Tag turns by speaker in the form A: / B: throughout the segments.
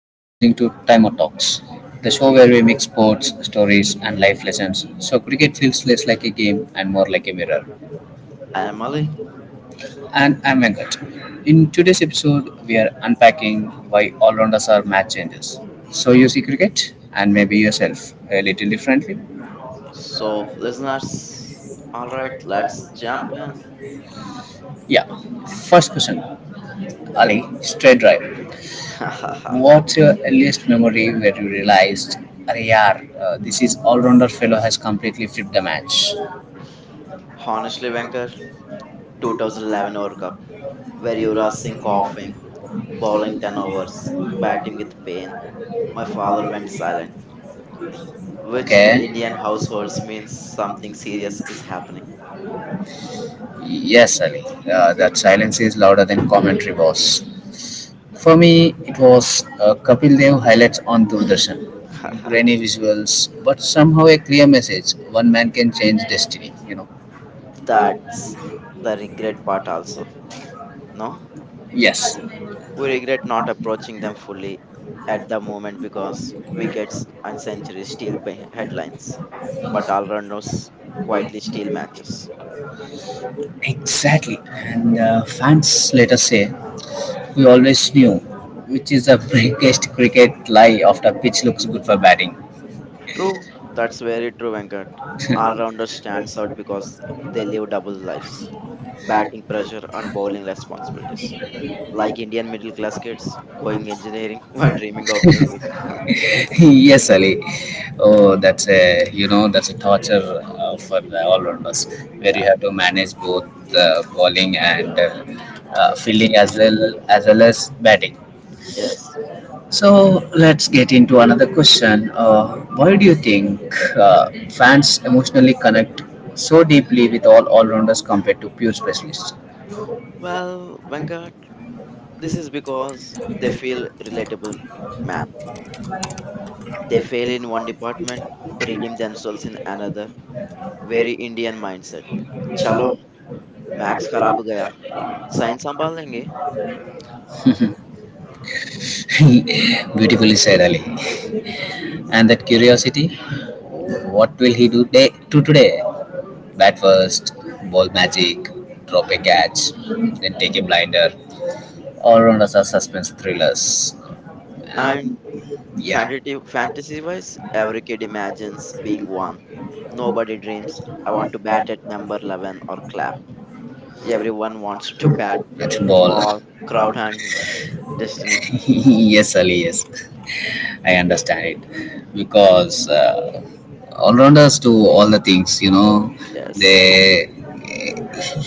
A: You are listening to Time Out Talks, the show where we mix sports, stories, and life lessons. So cricket feels less like a game and more like a mirror.
B: I am Ali.
A: And I'm Venkat. In today's episode, we are unpacking why all-rounders are match changers. So you see cricket and maybe yourself a little differently.
B: So, listeners, alright, let's jump in.
A: Yeah. First question: Ali, straight drive. What's your earliest memory where you realized, "Arey this is all-rounder fellow has completely flipped the match?"
B: Honestly, Venkat, 2011 World Cup, where Yuvraj Singh coughing, bowling 10 overs, batting with pain. My father went silent,
A: Like,
B: which in Indian
A: okay.
B: households means something serious is happening.
A: Yes, Ali. That silence is louder than commentary was. For me, it was Kapil Dev highlights on Doordarshan. Grainy visuals, but somehow a clear message. One man can change destiny,
B: That's the regret part, also. No?
A: Yes.
B: We regret not approaching them fully at the moment because wickets and centuries steal headlines, but all-rounders quietly steal matches.
A: Exactly, and the fans later say, "We always knew," which is the biggest cricket lie after pitch looks good for batting.
B: True, that's very true, Venkat. All-rounders stands out because they live double lives, batting pressure and bowling responsibilities. Like Indian middle-class kids going engineering while dreaming of music.
A: Yes, Ali. Oh, that's a that's a torture for the all-rounders where
B: Yeah,
A: you have to manage both bowling and fielding as well as batting.
B: yes.
A: So let's get into another question. Why do you think fans emotionally connect so deeply with all rounders compared to pure specialists?
B: Well, Venkat, this is because they feel relatable, man. They fail in one department, redeem themselves in another. Very Indian mindset. Chalo, max खराब गया, science संभाल लेंगे.
A: Beautifully said, Ali. And that curiosity, what will he do day to today? Bat first, ball magic, drop a catch, then take a blinder. All rounders are suspense thrillers.
B: And
A: Yeah,
B: fantasy wise, every kid imagines being one. Nobody dreams, I want to bat at number 11 or clap. Everyone wants to bat,
A: that's ball.
B: ball, crowd, and destiny.
A: Yes, Ali. Yes. I understand it because all-rounders do all the things. You know,
B: Yes,
A: they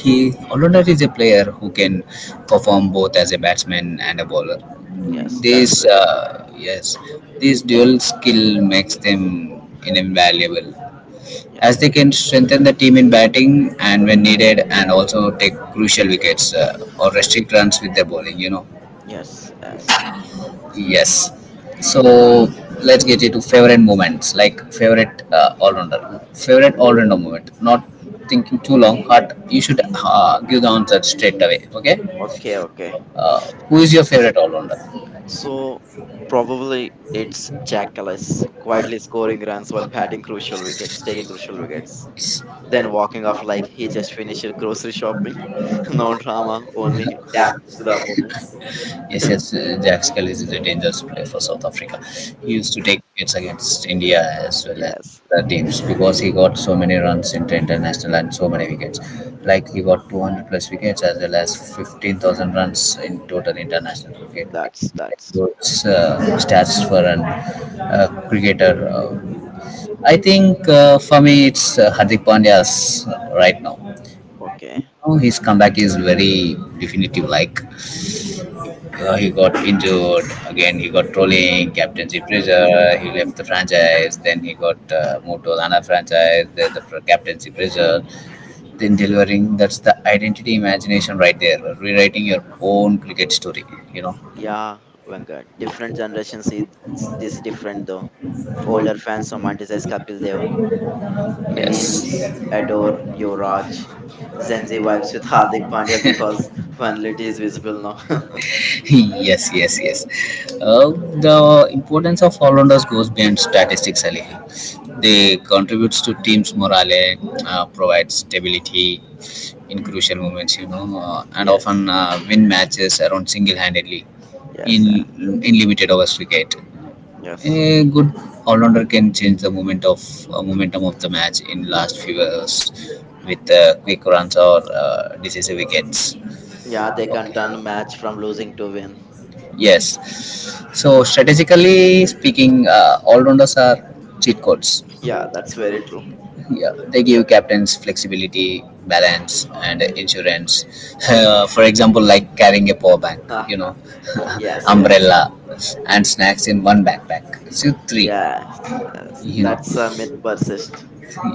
A: he all-rounder is a player who can perform both as a batsman and a bowler.
B: yes, that's
A: This
B: very true.
A: uh, yes, this dual skill makes them invaluable
B: Yes,
A: as they can strengthen the team in batting and when needed and also take crucial wickets or
B: yes,
A: restrict runs with their bowling.
B: yes, yes.
A: Yes. So let's get into favorite moments, like favorite all rounder, favorite all rounder moment. Not thinking too long, but you should give the answer straight away. Okay.
B: Okay, okay.
A: Uh, who is your favorite all rounder?
B: So probably it's Jack Callis quietly scoring runs while batting crucial wickets, taking crucial wickets, then walking off like he just finished grocery shopping. No drama, only dance to the opponent.
A: Yes, yes. Jack Skelly is a dangerous player for South Africa. He used to
B: Yeah.
A: take wickets against India as well as
B: Yes,
A: the teams because he got so many runs into international and so many wickets. Like he got 200 plus wickets as well as 15,000 runs in total international cricket.
B: that's
A: What's stats for an cricketer? I think for me it's Hardik Pandya's right now.
B: okay.
A: Oh, his comeback is very definitive. Like he got injured again, he got trolling, captaincy pressure. He left the franchise. Then he got moved to another franchise. Then the captaincy pressure. Then delivering. That's the identity imagination right there. Rewriting your own cricket story. You know.
B: Yeah, Venga. Different generations see this different though. Older fans romanticize Kapil Dev. Millions
A: Yes.
B: adore Yuvraj. Gen Z vibes with Hardik Pandya because finality is visible now.
A: yes yes yes uh, the importance of all-rounders goes beyond statistics, Ali. They contributes to teams morale, provide stability in crucial moments, and
B: Yes.
A: often win matches around single-handedly.
B: Yes,
A: In in limited overs cricket
B: yes.
A: a good all-rounder can change the momentum of the match in last few hours with quick runs or decisive wickets.
B: Yeah, they can turn match from losing to win.
A: Yes. So strategically speaking, all-rounders are cheat codes.
B: Yeah, that's very true.
A: Yeah, they give captains flexibility, balance, and insurance. For example, like carrying a power bank,
B: Ah,
A: you know,
B: yes, yes.
A: umbrella, and snacks in one backpack. So three,
B: Yes, yes.
A: you know,
B: That's a myth persist.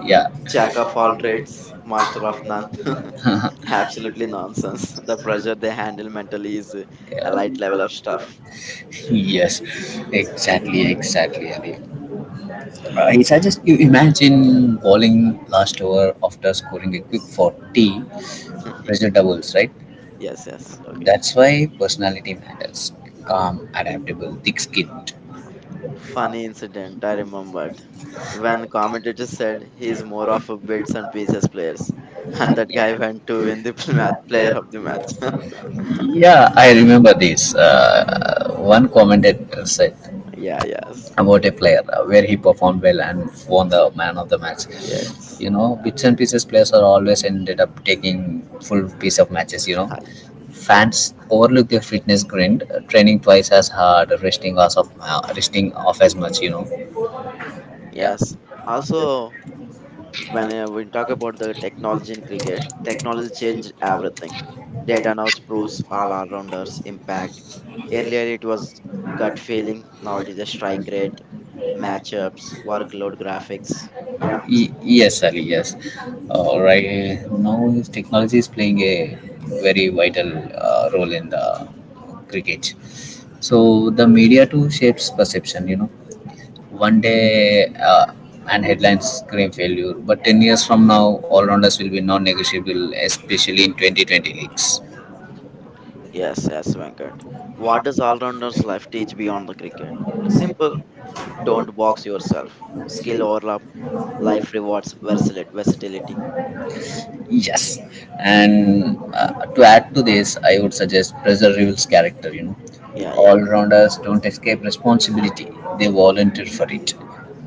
A: yeah.
B: Jack of all trades, master of none. Absolutely nonsense. The pressure they handle mentally is a
A: Yeah.
B: light level of stuff.
A: Yes, exactly, exactly, Ali. He suggests you imagine bowling last over after scoring a quick 40, pressure doubles, right?
B: Yes, yes. Okay.
A: That's why personality matters. Calm, adaptable, thick skinned.
B: Funny incident I remembered when commentators said he's more of a bits and pieces players, and that guy
A: Yeah.
B: went to win the match, player of the match.
A: Yeah, I remember this. One commentator said
B: Yeah, yes, Mm.
A: about a player where he performed well and won the man of the match.
B: Yes,
A: You know, bits and pieces players are always ended up taking full piece of matches. You know,
B: Hi.
A: fans overlook their fitness grind, training twice as hard, resting off of resting off as much. You know,
B: Yes. Also, when we talk about the technology in cricket, technology changed everything. Data now proves all our rounders impact. Earlier, it was gut feeling. Now it is a strike rate,
A: yeah,
B: matchups, workload, graphics. Yeah,
A: Yes, Ali, yes. Right now, technology is playing a very vital role in the cricket. So, the media too shapes perception, you know. One day, and headlines scream failure, but 10 years from now, all rounders will be non negotiable, especially in 2020 leagues.
B: yes, yes, Venkat. What does all rounders life teach beyond the cricket? Simple. Don't box yourself. Skill overlap. Life rewards versatility.
A: Yes, and to add to this, I would suggest Pressure Reveal's character. You know,
B: Yeah, yeah.
A: all rounders don't escape responsibility; they volunteer for it.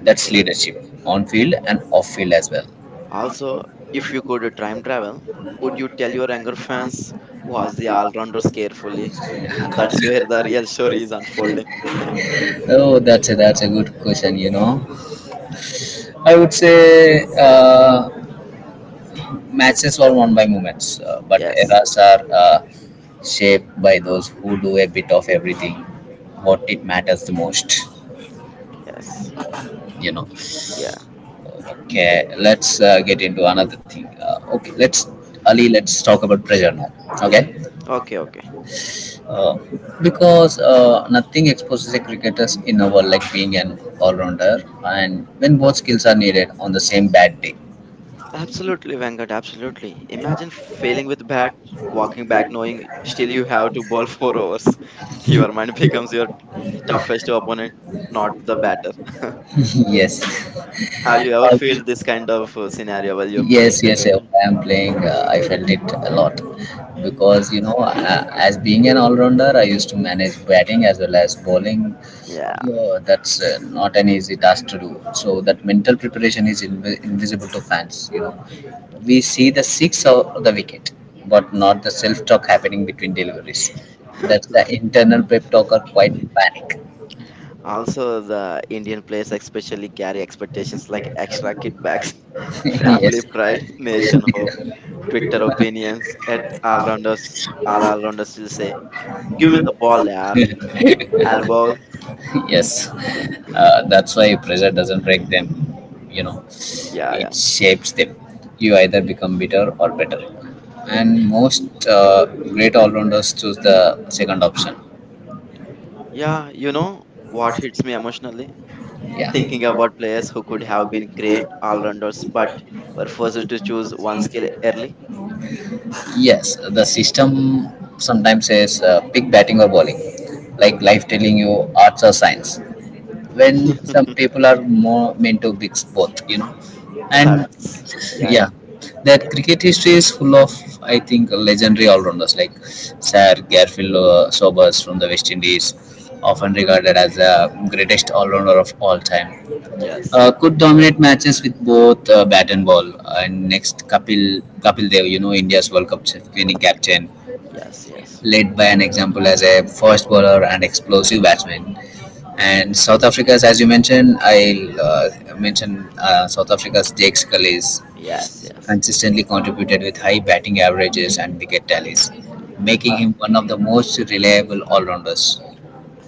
A: That's leadership on field and off field as well.
B: Also, if you could time travel, would you tell your younger fans was the all rounders carefully? That's where the real story is unfolding.
A: Oh, that's a good question. You know, I would say matches are won by moments, but
B: Yes,
A: eras are shaped by those who do a bit of everything. What it matters the most,
B: yes,
A: you know.
B: yeah.
A: Okay, let's get into another thing. Okay, let's, Ali. Let's talk about pressure now. Okay,
B: Okay, okay.
A: uh, because nothing exposes a cricketer's inner world like being an all-rounder, and when both skills are needed on the same bad day.
B: Absolutely, Venkat, absolutely. Imagine failing with bat, walking back knowing still you have to bowl four overs. Your mind becomes your toughest opponent, not the batter.
A: Yes.
B: Have you ever felt this kind of scenario while you're playing
A: Yes, yes,
B: cricket?
A: yeah. I am playing. I felt it a lot because as being an all-rounder, I used to manage batting as well as bowling.
B: Yeah.
A: That's not an easy task to do. So that mental preparation is invisible to fans. You know, we see the six of the wicket, but not the self-talk happening between deliveries. That's the internal pep talk or quite panic.
B: Also, the Indian players especially carry expectations like extra kickbacks, family
A: Yes.
B: pride, nation hope, Twitter opinions. At all rounders, all rounders still say, "Give me the ball, yaar. I'll bowl."
A: yes that's why pressure doesn't break them,
B: Mm.
A: you know,
B: Yeah,
A: it
B: yeah.
A: shapes them. You either become bitter or better, and most great all-rounders choose the second option.
B: Yeah, you know what hits me emotionally?
A: Yeah.
B: Thinking about players who could have been great all rounders but were forced to choose one skill early.
A: Yes, the system sometimes says, pick batting or bowling, like life telling you arts or science, when some people are more meant to mix both, you know. And
B: That's, yeah,
A: yeah,
B: yeah,
A: that
B: yeah.
A: cricket history is full of, I think, legendary all-rounders like Sir Garfield Sobers from the West Indies, often regarded as the greatest all-rounder of all time,
B: Yes,
A: could dominate matches with both bat and ball. And next, Kapil Dev, you know, India's World Cup winning captain,
B: yes, yes,
A: led by an example as a fast bowler and explosive batsman. And South Africa's, as you mentioned, I'll mention South Africa's Jake Scully's
B: yes, yes.
A: consistently contributed with high batting averages and wicket tallies, making
B: Uh,
A: him one of the most reliable all-rounders.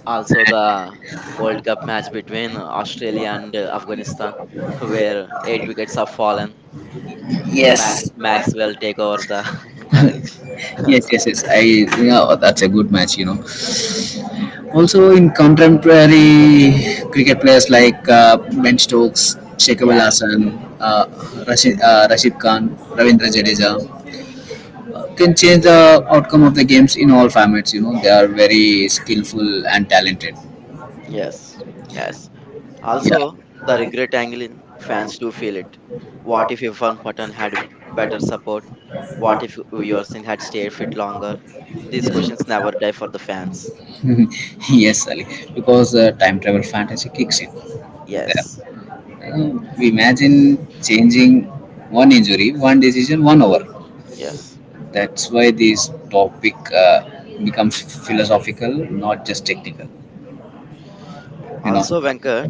B: also, the World Cup match between Australia and Afghanistan, where eight wickets have fallen. Max
A: Yes.
B: Maxwell take over the match.
A: Yes, yes, yes. I Yeah, that's a good match, you know. Also, in contemporary cricket, players like Ben Stokes, Shekhar
B: Yes,
A: Hasan, uh, Rashid Khan, Ravindra Jadeja can change the outcome of the games in all formats. You know, they are very skillful and talented.
B: yes, yes.
A: Yeah.
B: Also, the regret angle in fans do feel it. What if Irfan Pathan had better support? What if Uyasin had stayed fit longer? These questions never die for the fans.
A: Yes, Ali, because time travel fantasy kicks in. There.
B: Yes,
A: We imagine changing one injury, one decision, one hour.
B: yes.
A: That's why this topic becomes philosophical, not just technical. You know,
B: Also, Venkat,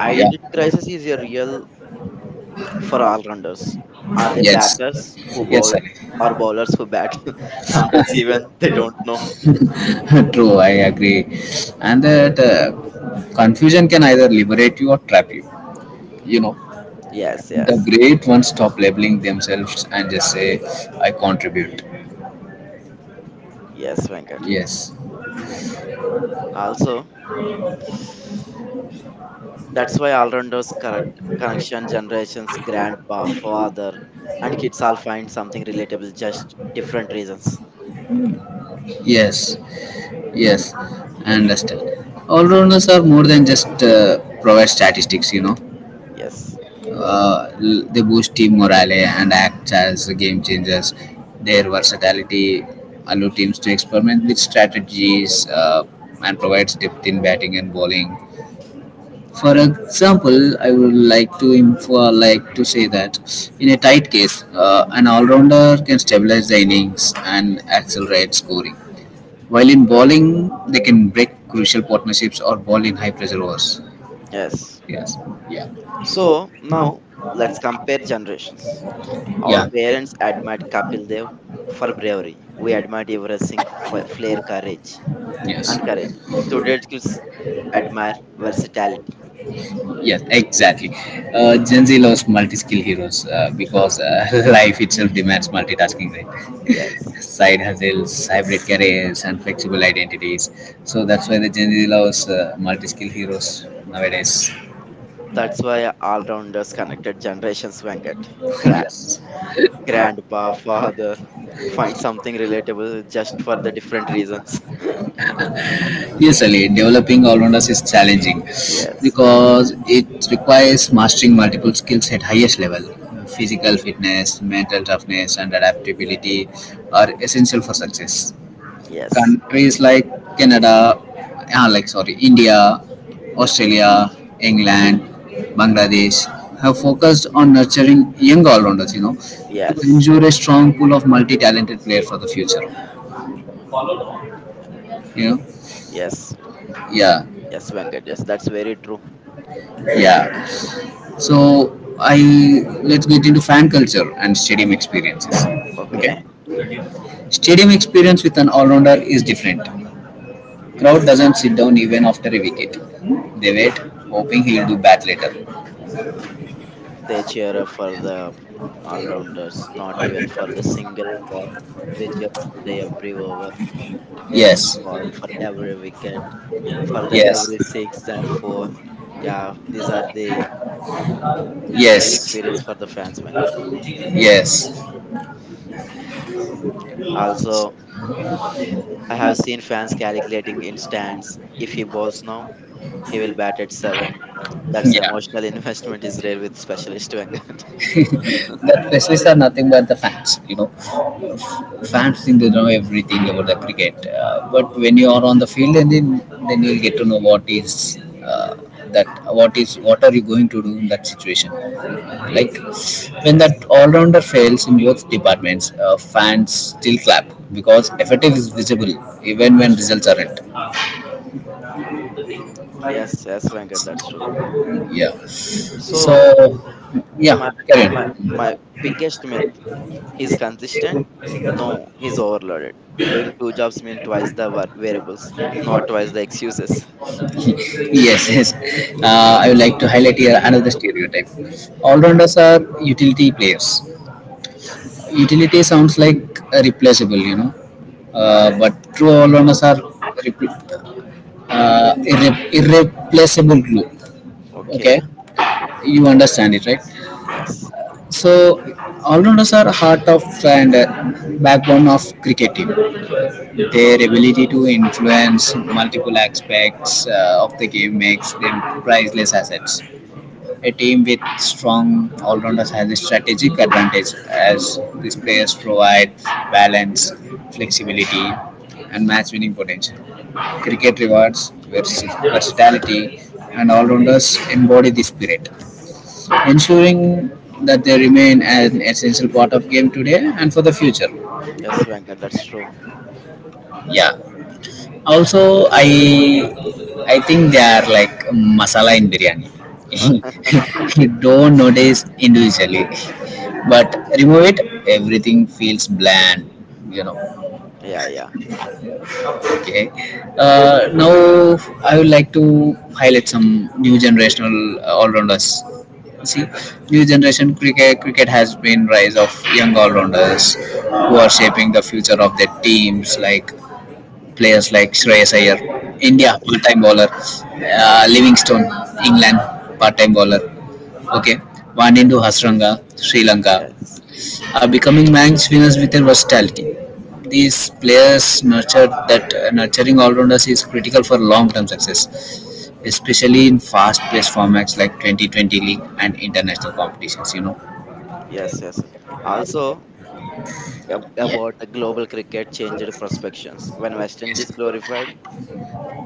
A: yeah,
B: identity crisis is a real for all rounders. Are they
A: yes,
B: batters who
A: yes,
B: bowl
A: Ali.
B: or bowlers who bat? Sometimes even they don't know.
A: True, I agree. And that confusion can either liberate you or trap you. You know,
B: Yes,
A: the
B: yes,
A: great ones stop labeling themselves and just say, I contribute.
B: yes, Venkat.
A: Yes,
B: Also, that's why all rounders correct connection generations, grandpa, father, and kids all find something relatable, just different reasons.
A: yes, yes, I understand. All rounders are more than just provide statistics, you know.
B: Yes,
A: L- they boost team morale and act as game changers. Their versatility allow teams to experiment with strategies and provides depth in batting and bowling. For example, I would like to like to say that in a tight case, an all-rounder can stabilize the innings and accelerate scoring. While in bowling, they can break crucial partnerships or bowl in high-pressure overs.
B: yes.
A: Yes. Yeah.
B: So now let's compare generations. Our
A: Yeah.
B: parents admired Kapil Dev for bravery. We admired Everest Singh for flair, courage,
A: Yes.
B: and courage. Today's kids admire versatility.
A: Yes, exactly. Gen Z loves multi-skill heroes because life itself demands multitasking,
B: Yes,
A: right? Side hustles, hybrid careers, and flexible identities. So that's why the Gen Z loves multi-skill heroes nowadays.
B: that's why all-rounders connected generations. Venkat, Gra-
A: Yes.
B: grandpa, father, find something relatable just for the different reasons.
A: Yes, Ali, developing all-rounders is challenging
B: Yes,
A: because it requires mastering multiple skills at highest level. Physical fitness, mental toughness, and adaptability are essential for success.
B: yes,
A: Countries like Canada, ah, like sorry, India, Australia, England, Bangladesh have focused on nurturing young all-rounders. You know, to
B: yes,
A: ensure a strong pool of multi-talented players for the future. You know,
B: yes,
A: yeah,
B: yes, Venkat. Yes, that's very true.
A: yeah. So I let's get into fan culture and stadium experiences.
B: Okay,
A: Okay, stadium experience with an all-rounder is different. Crowd doesn't sit down even after a wicket. They wait, hoping he'll do bat later.
B: they cheer up for the all-rounders, not even for the single ball. They cheer for the every over, every
A: Yes,
B: ball, for every wicket, for the
A: yes,
B: every six and four. Yeah, these are the main
A: yes,
B: experience for the fans, Venkat.
A: yes,
B: Also, I have seen fans calculating in stands. If he bowls now, he will bat at seven. That's
A: yeah.
B: emotional investment is rare with specialist Venkat.
A: The specialists are nothing but the fans, you know. Fans think they know everything about the cricket, but when you are on the field, and then you'll get to know what is that what is what are you going to do in that situation. Like when
B: Yes,
A: that all-rounder fails in both departments, fans still clap because effort is visible even when results aren't.
B: yes, yes, Venkat, that's true.
A: Yeah
B: So
A: so
B: my
A: yeah carry
B: my
A: on
B: my biggest myth: he's consistent. No, he's overloaded. Doing two jobs mean twice the variables, not twice the excuses.
A: yes yes I would like to highlight here another stereotype.
B: Yeah.
A: All-rounders are utility players. Utility sounds like replaceable. But true all-rounders are repl- irreplaceable glue. Okay,
B: Okay.
A: you understand it right.
B: Yes.
A: So all-rounders are heart of and backbone of cricket team. Their ability to influence multiple aspects of the game makes them priceless assets. A team with strong all-rounders has a strategic advantage, as these players provide balance, flexibility, and match-winning potential. Cricket rewards versatility, and all-rounders embody this spirit, ensuring that they remain an essential part of game today and for the future.
B: Yes, Venkat, that's true.
A: Yeah. Also, I think they are like masala in biryani. Don't notice individually, but remove it, everything feels bland. You know.
B: Yeah, yeah.
A: Okay. Now I would like to highlight some new generational all-rounders. See, new generation cricket has been rise of young all-rounders who are shaping the future of their teams, like players like Shreyas Iyer, India
B: Yes,
A: part-time bowler, Livingstone, England part-time bowler. Okay,
B: yeah,
A: Vanindu Hasranga, Sri Lanka,
B: yes,
A: are becoming match winners with their versatility. These players nurture that nurturing all-rounders is critical for long-term success, especially in fast-paced formats like 2020 League and international competitions. You know.
B: yes, yes. Also, about the global cricket changed perspectives. When West
A: Yes.
B: Indies glorified,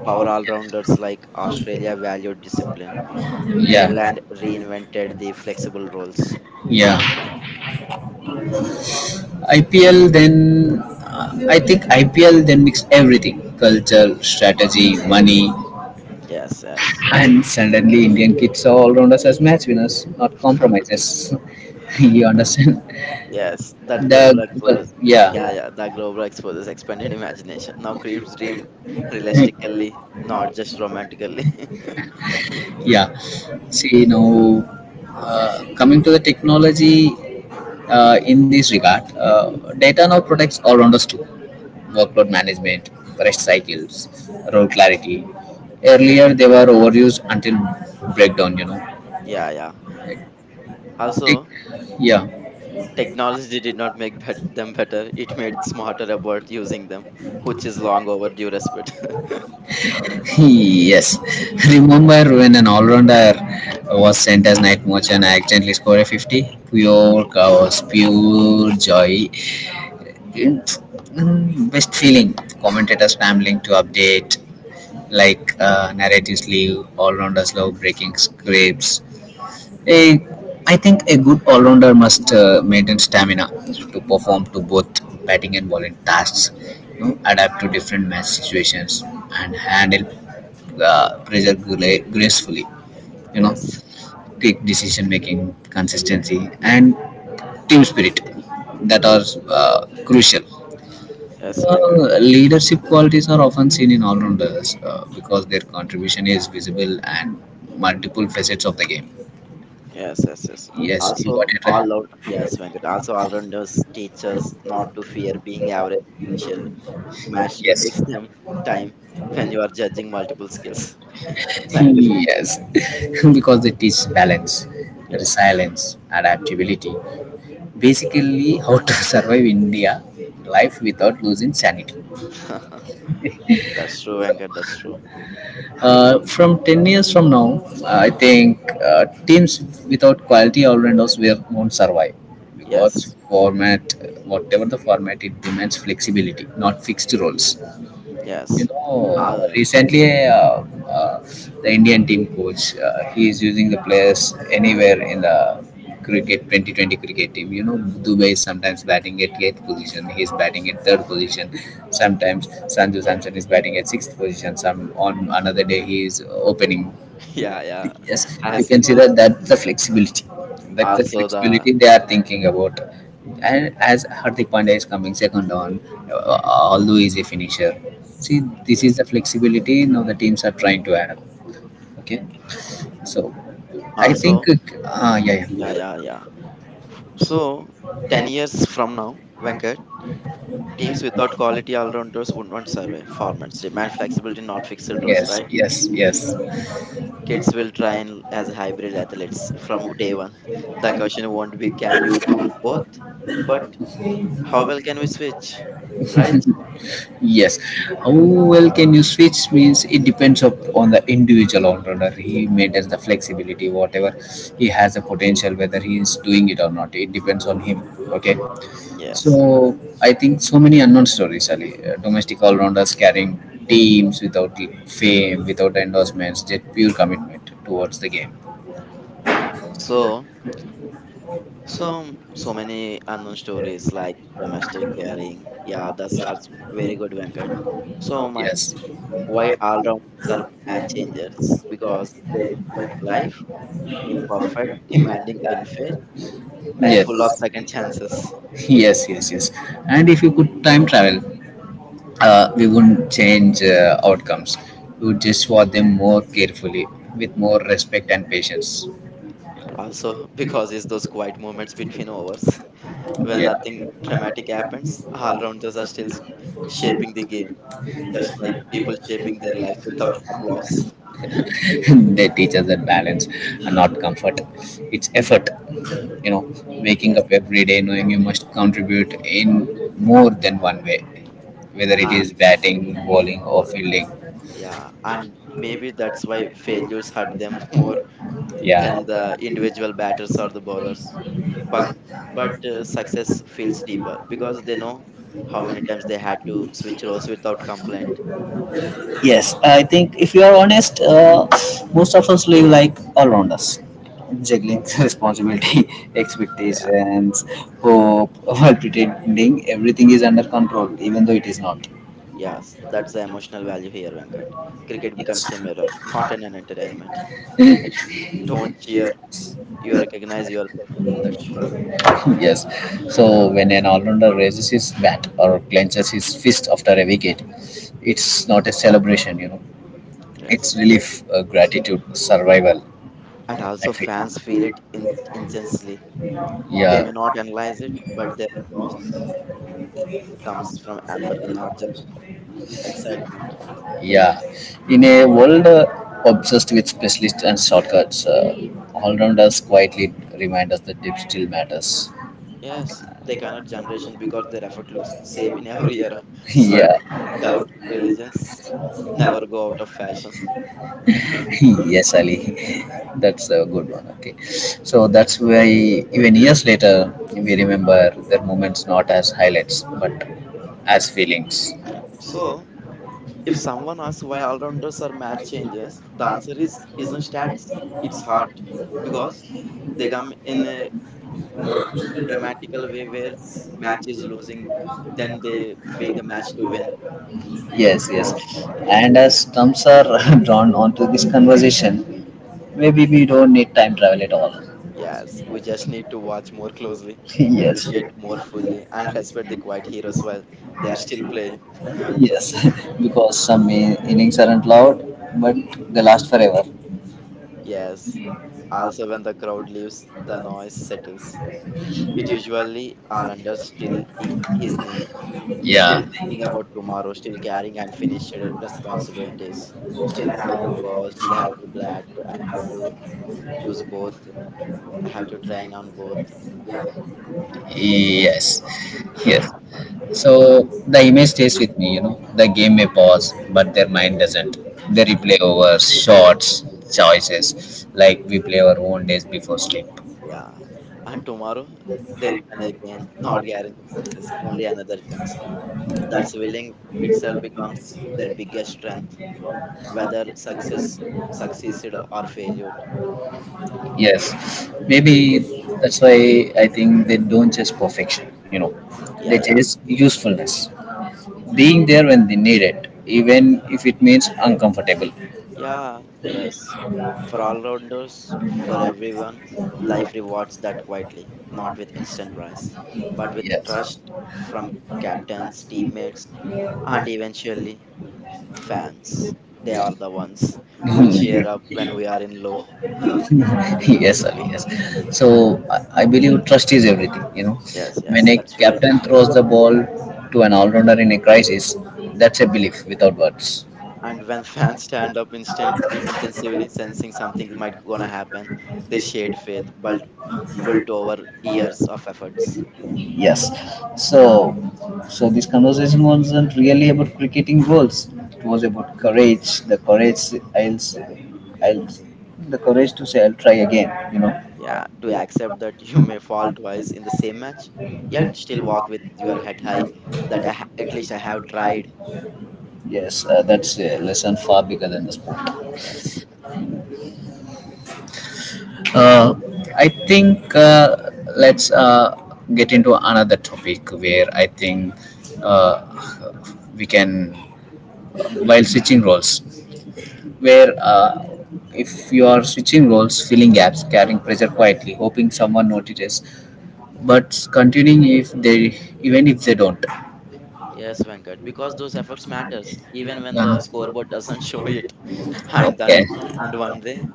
B: power all-rounders like Australia valued discipline.
A: Yeah.
B: England reinvented the flexible roles.
A: Yeah. IPL then I think IPL then mix everything: culture, strategy, money,
B: Yes, yes.
A: and suddenly Indian kids are all around us as match winners, not compromises. You understand?
B: Yes, that global
A: The
B: exposure,
A: well,
B: yeah,
A: yeah.
B: yeah, that global exposure expanded imagination. Now creeps dream realistically, not just romantically.
A: Yeah. See, now coming to the technology in this regard, data now protects all around us too. Workload management, rest cycles, role clarity. Earlier, they were overused until breakdown, you know.
B: Yeah, yeah.
A: Tech,
B: Also,
A: yeah.
B: technology did not make them better, it made smarter about using them, which is long overdue respect.
A: Yes. Remember when an all rounder was sent as night watch and I accidentally scored a 50? Pure chaos, pure joy. it's best feeling. Commentators scrambling to update, like narratives leave, all rounders love breaking scripts. A, I think a good all rounder must maintain stamina to perform to both batting and bowling tasks, you know, adapt to different match situations, and handle gracefully. You know,
B: Yes,
A: quick decision making, consistency, and team spirit that are crucial.
B: yes, Venkat.
A: Leadership qualities are often seen in all-rounders because their contribution is visible and multiple facets of the game.
B: Yes, yes, yes.
A: Yes, you
B: Also,
A: got it
B: all
A: right.
B: out. Yes, Venkat. Also, all rounders teach us not to fear being average initially. Mastery
A: Yes.
B: takes them time when you are judging multiple skills. Zangle.
A: Yes. Because they teach balance, resilience, adaptability. Basically, how to survive India life without losing sanity.
B: Yeah, that's true, Venkat. That's true.
A: From 10 years from now, I think teams without quality all-rounders won't survive because
B: Yes,
A: format, whatever the format, it demands flexibility, not fixed roles. You
B: yes.
A: know,
B: Um,
A: recently uh, the indian team coach he is using the players anywhere in the cricket 2020 cricket team, you know. Dubai is sometimes batting at eighth position, he is batting at third position. Sometimes sanju samson is batting at sixth position, some on another day he is opening.
B: yeah, yeah.
A: Yes,
B: I have
A: you can
B: seen
A: see
B: this.
A: that that's the flexibility, that's the
B: Also, the
A: flexibility they are thinking about. And as hardik pandya is coming second on although he's a finisher. See, this
B: yes.
A: is the flexibility now the teams are trying to add up. Okay. So I
B: Also,
A: think
B: yeah,
A: yeah.
B: yeah, yeah. So, 10 years from now, Venkat,
A: Yeah.
B: teams without quality all rounders would not survive. Formats demand flexibility, not fixed roles,
A: Yes,
B: right?
A: yes, yes.
B: Kids will train as hybrid athletes from day one. The question won't be can you do both, but how well can we switch, right?
A: Yes. How well can you switch means it depends up on the individual entrepreneur. He maintains the flexibility, whatever he has the potential, whether he is doing it or not. It depends on him. Okay.
B: Yes.
A: So I think so many unknown stories, Ali. Domestic all rounders carrying teams without fame, without endorsements, just pure commitment towards the game.
B: So, so many unknown stories like domestic caring. Yeah, that's are very good, Venkat. So, my
A: Yes.
B: why all rounders are match changers because they reflect life imperfect, demanding, unfair, and full of
A: Yes.
B: second chances.
A: Yes, yes, yes. And if you could time travel, we wouldn't change outcomes. We would just watch them more carefully, with more respect and patience.
B: Also, because it's those quiet moments between overs when nothing dramatic happens, all rounders are still shaping the game,
A: Yeah.
B: just like people shaping their lives without applause.
A: They teach us that balance and not comfort, it's effort.
B: Mm.
A: You know, waking
B: Yes,
A: up every day knowing you must contribute in more than one way, whether it is
B: and
A: batting, bowling or
B: well,
A: fielding.
B: yeah, and maybe that's why failures hurt them more
A: Yeah.
B: than the individual batters or the bowlers. But but success feels deeper because they know how many times they had to switch roles without complaint.
A: Yes, I think if you are honest, most of us live like all around us, juggling responsibility,
B: Yeah,
A: expectations, hope, while pretending everything is under control, even though it is not.
B: yes, that's the emotional value here, Venkat. Cricket
A: Yes,
B: becomes a mirror, not an entertainment. You just don't cheer, you recognize yourself in that shot.
A: yes. So when an all-rounder raises his bat or clenches his fist after a wicket, it's not a celebration, you know.
B: Yes.
A: It's relief, gratitude, survival.
B: And also, fans feel it intensely. They may
A: Yeah.
B: not analyze it, but their loss comes from empathy, not just excitement.
A: Yeah, in a world obsessed with specialists and shortcuts, all-rounders quietly remind us that depth still matters.
B: Yes, they connect generations because their effort looks the same in every era. Sweat,
A: Yeah.
B: doubt, religions never go out of fashion.
A: Yes, Ali. That's a good one. Okay, so that's why even years later we remember their moments not as highlights but as feelings.
B: So, if someone asks why all-rounders are match changers, the answer is isn't stats. It's heart because they come in a more dramatical way where match is losing, then they make the match to win.
A: Yes, yes,
B: Yes,
A: and as thumbs are drawn onto this conversation, maybe we don't need time travel at all.
B: yes. We just need to watch more closely,
A: Yes.
B: appreciate more fully, and respect the quiet heroes while they are still playing.
A: Yes. Because some innings aren't loud, but they last forever.
B: Yes. Also, when the crowd leaves, the noise settles. It usually all-rounders still i- his knee still
A: Yeah.
B: thinking about tomorrow, still carrying unfinished responsibilities, still have to boss, still have to blat, I have to choose both, I have to train on both. Yeah,
A: Yes. Yes. So the image stays with me, you know. The game may pause, but their mind doesn't. They
B: y-
A: replay over shots, choices, like we play our own days before sleep.
B: yeah. And tomorrow, there is an again, not guaranteed success, only another chance. That's willing itself becomes their biggest strength, whether success succeeded or failure.
A: Yes, maybe that's why I think they don't chase perfection, you know, they
B: Yeah, yeah.
A: chase usefulness, being there when they need it, even if it means uncomfortable.
B: Yeah, yes. For all rounders, for everyone, life rewards that quietly, not with instant prize, but with trust
A: Yes,
B: from captains, teammates, and eventually fans. They
A: yeah.
B: are the ones who
A: Yeah.
B: cheer up when we are in low.
A: Yes,
B: Uh,
A: Ali, yes. So I believe trust is everything, you know.
B: Yes, yes,
A: When a
B: that's very true.
A: captain throws the ball to an all rounder in a crisis, that's a belief without words.
B: And when fans stand up instantly, intensively, sensing something might gonna happen, they shade faith, but built over years of efforts.
A: Yes. So, so this conversation wasn't really about cricketing goals. It was about courage. The courage. I'll. I'll. The courage to say I'll try again. You know.
B: Yeah, to accept that you may fall twice in the same match, yet still walk with your head high. That I at least I have tried.
A: Yes. That's a lesson far bigger than the sport.
B: Yes,
A: Uh, I think let's get into another topic where I think uh, we can, while switching roles. Where if you are switching roles, filling gaps, carrying pressure quietly, hoping someone notices, but continuing if they even if they don't.
B: yes, Venkat, because those efforts matters even when the
A: Yeah.
B: scoreboard doesn't show it. And then,
A: Okay.
B: and one day,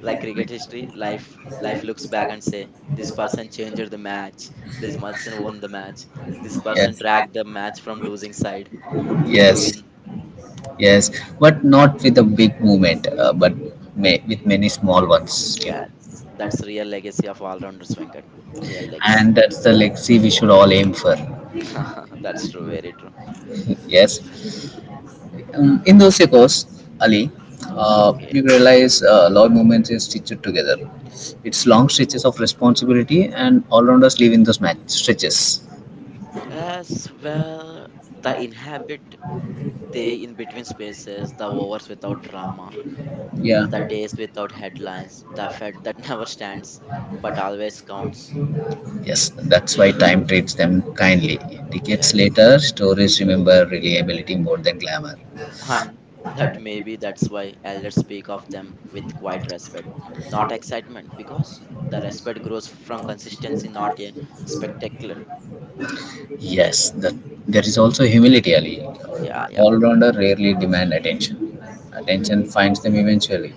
B: like cricket history, life looks back and say, this person changed the match. This person won the match. This person dragged the match from losing side
A: Yes.
B: to
A: Yes.
B: win.
A: Yes. But not with a big movement, but may, with many small ones.
B: Yeah,
A: Yeah.
B: that's real legacy of all rounders, Venkat. Real legacy.
A: And that's the legacy we should all aim for.
B: That's true. Very true.
A: Yes. Um, in those echoes, Ali,
B: Okay.
A: you realize Lord Movements is stitched together. It's long stretches of responsibility, and all rounders live in those match stretches.
B: As well, the inhabit they in between spaces, the hours without drama,
A: Yeah.
B: the days without headlines, the fact that never stands but always counts.
A: Yes, that's why time treats them kindly. Decades
B: Yes.
A: later, stories remember reliability more than glamour.
B: And that maybe that's why elders speak of them with quiet respect, not excitement, because the respect grows from consistency, not a spectacular.
A: Yes, that there is also humility, Ali.
B: Yeah, yeah.
A: All rounder rarely demand attention. Attention finds them eventually.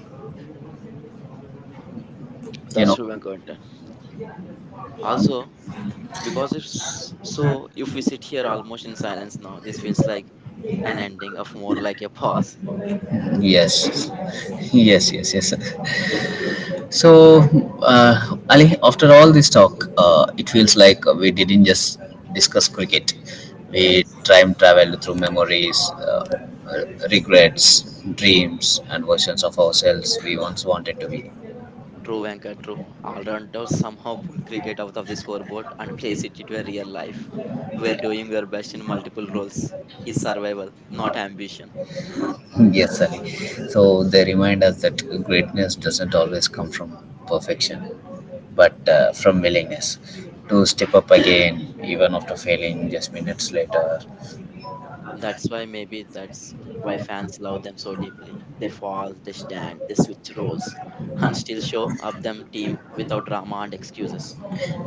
A: You
B: That's
A: know.
B: true, Venkat. Also, because it's so, if we sit here almost in silence now, this feels like an ending of more like a pause.
A: Yes. Yes, yes, yes. So, Ali, after all this talk, it feels like we didn't just discuss cricket. We
B: Yes,
A: time traveled through memories, regrets, dreams, and versions of ourselves we once wanted to be.
B: true, Venkat, true. Allrounders somehow pull cricket out of the scoreboard and place it into a real life, where doing your best in multiple roles is survival, not ambition.
A: Yes, Ali. So they remind us that greatness doesn't always come from perfection, but from willingness to step up again, even after failing just minutes later.
B: And that's why maybe that's why fans love them so deeply. They fall, they stand, they switch roles, and still show up them team without drama and excuses.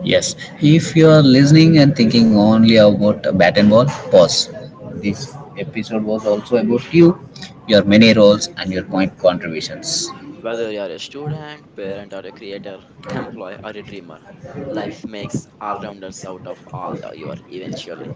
A: Yes, if you are listening and thinking only about a bat and ball, pause. This episode was also about you, your many roles, and your point contributions.
B: Whether you are a student, parent, or a creator, employee, or a dreamer, life makes all rounders out of all your eventually.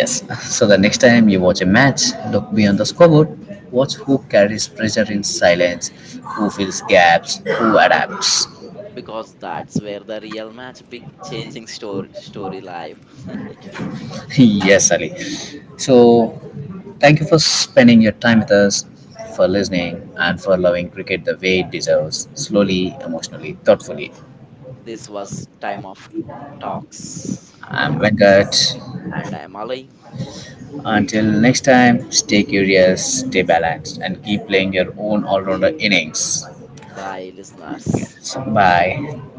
A: Yes. So the next time you watch a match, look beyond the scoreboard. Watch who carries pressure in silence, who fills gaps, who adapts.
B: Because that's where the real match big changing story life.
A: Yes, Ali. So thank you for spending your time with us, for listening, and for loving cricket the way it deserves, slowly, emotionally, thoughtfully.
B: This was time of talks.
A: I'm
B: Yeah.
A: Venkat.
B: And I'm Ali.
A: Until next time, stay curious, stay balanced, and keep playing your own all rounder innings.
B: Bye listeners.
A: Bye.